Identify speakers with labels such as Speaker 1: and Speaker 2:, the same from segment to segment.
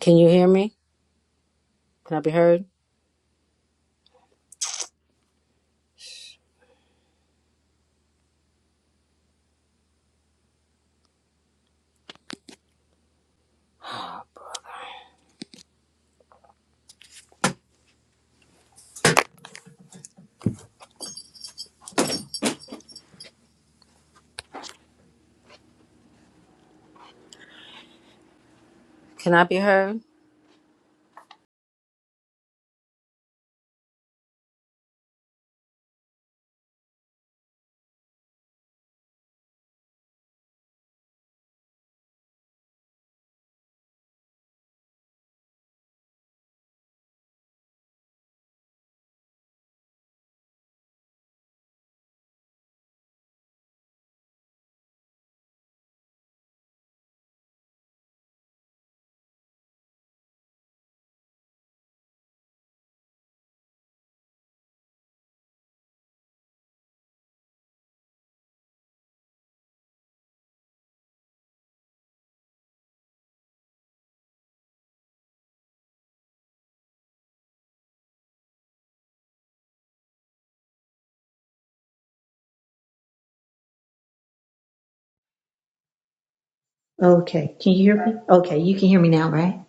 Speaker 1: Can you hear me? Can I be heard? Can I be heard?
Speaker 2: Okay, can you hear me? Okay, you can hear me now, right?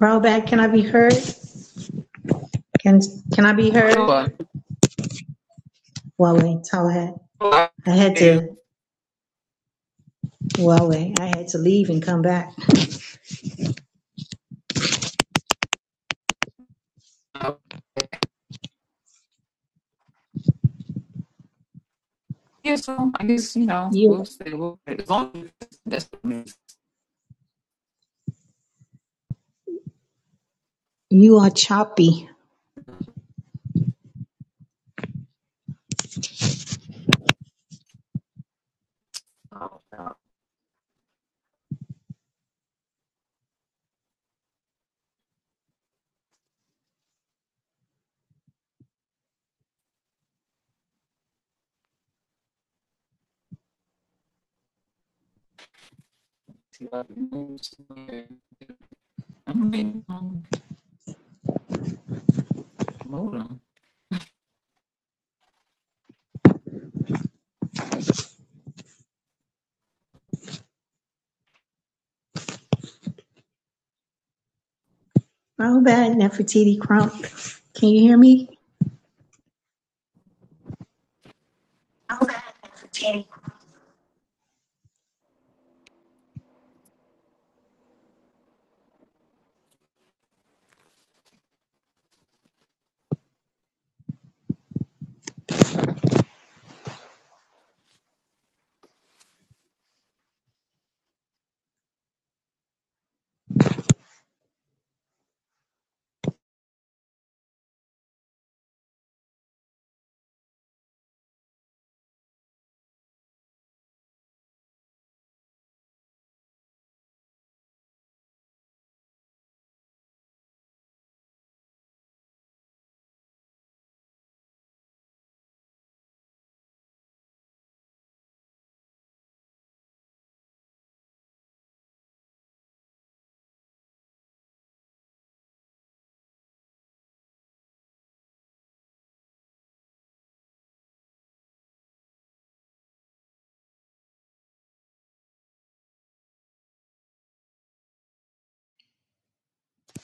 Speaker 2: Rollback, can I be heard? Can can I be
Speaker 3: So uh,
Speaker 2: heard? Wale, Tallahat.
Speaker 3: I
Speaker 2: I had
Speaker 3: hear
Speaker 2: to
Speaker 3: you.
Speaker 2: Wale, I had to leave and come back.
Speaker 3: Uh, yeah, so I guess you know
Speaker 2: You
Speaker 3: we'll say we'll say as long as that's what it
Speaker 2: you are choppy.
Speaker 3: means. I mean, um, modem.
Speaker 2: Rollback, Nefertiti Crump. Can you hear me?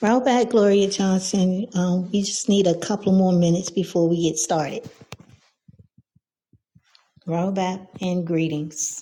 Speaker 2: Rollback, Gloria Johnson. Um, we just need a couple more minutes before we get started. Rollback and greetings.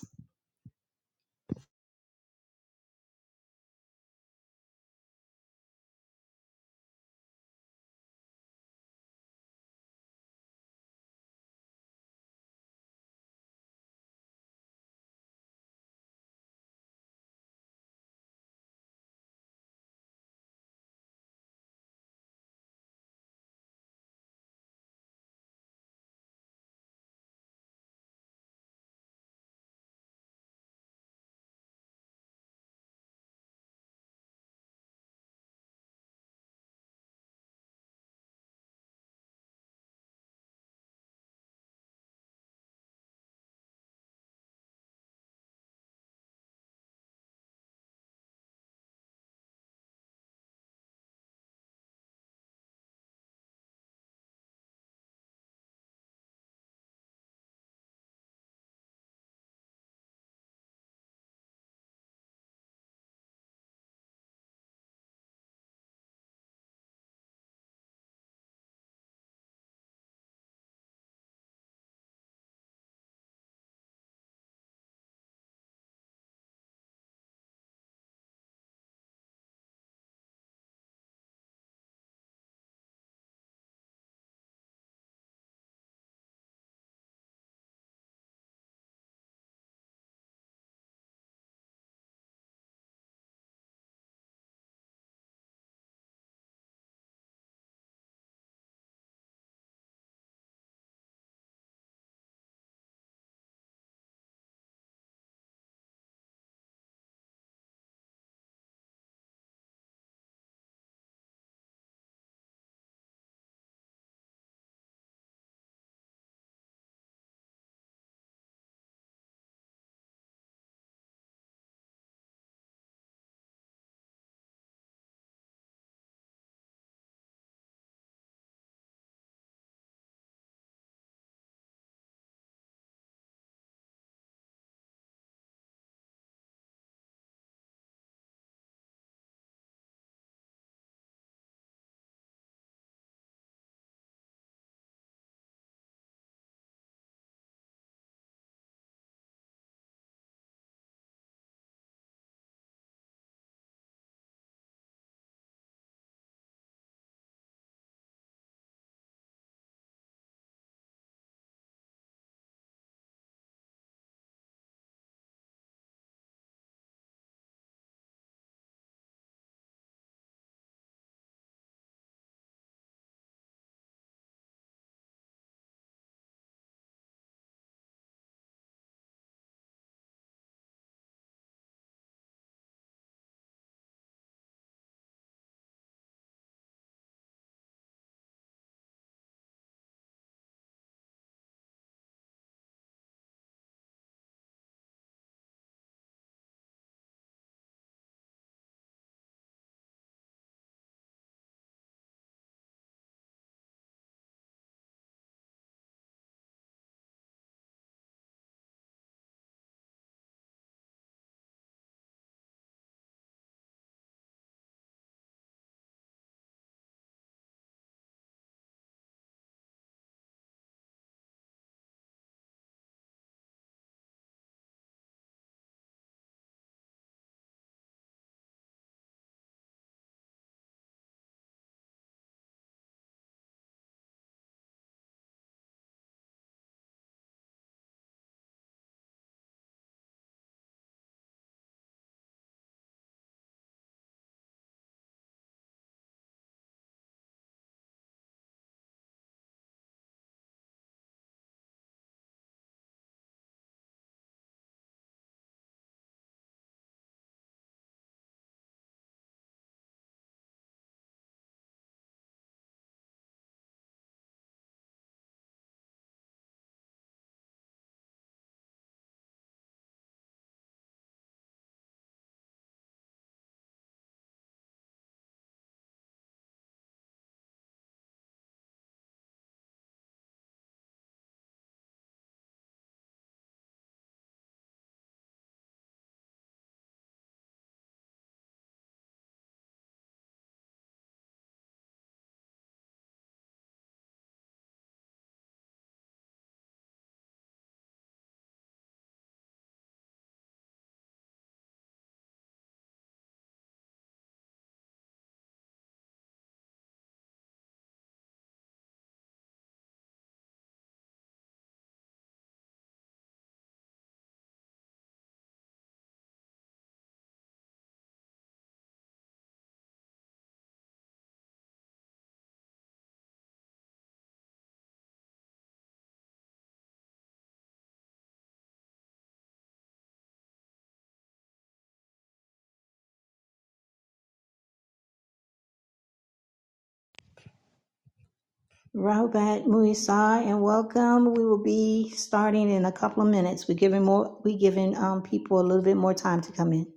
Speaker 2: Robert Muisar, and welcome. We will be starting in a couple of minutes. We're giving more. We're giving um, people a little bit more time to come in.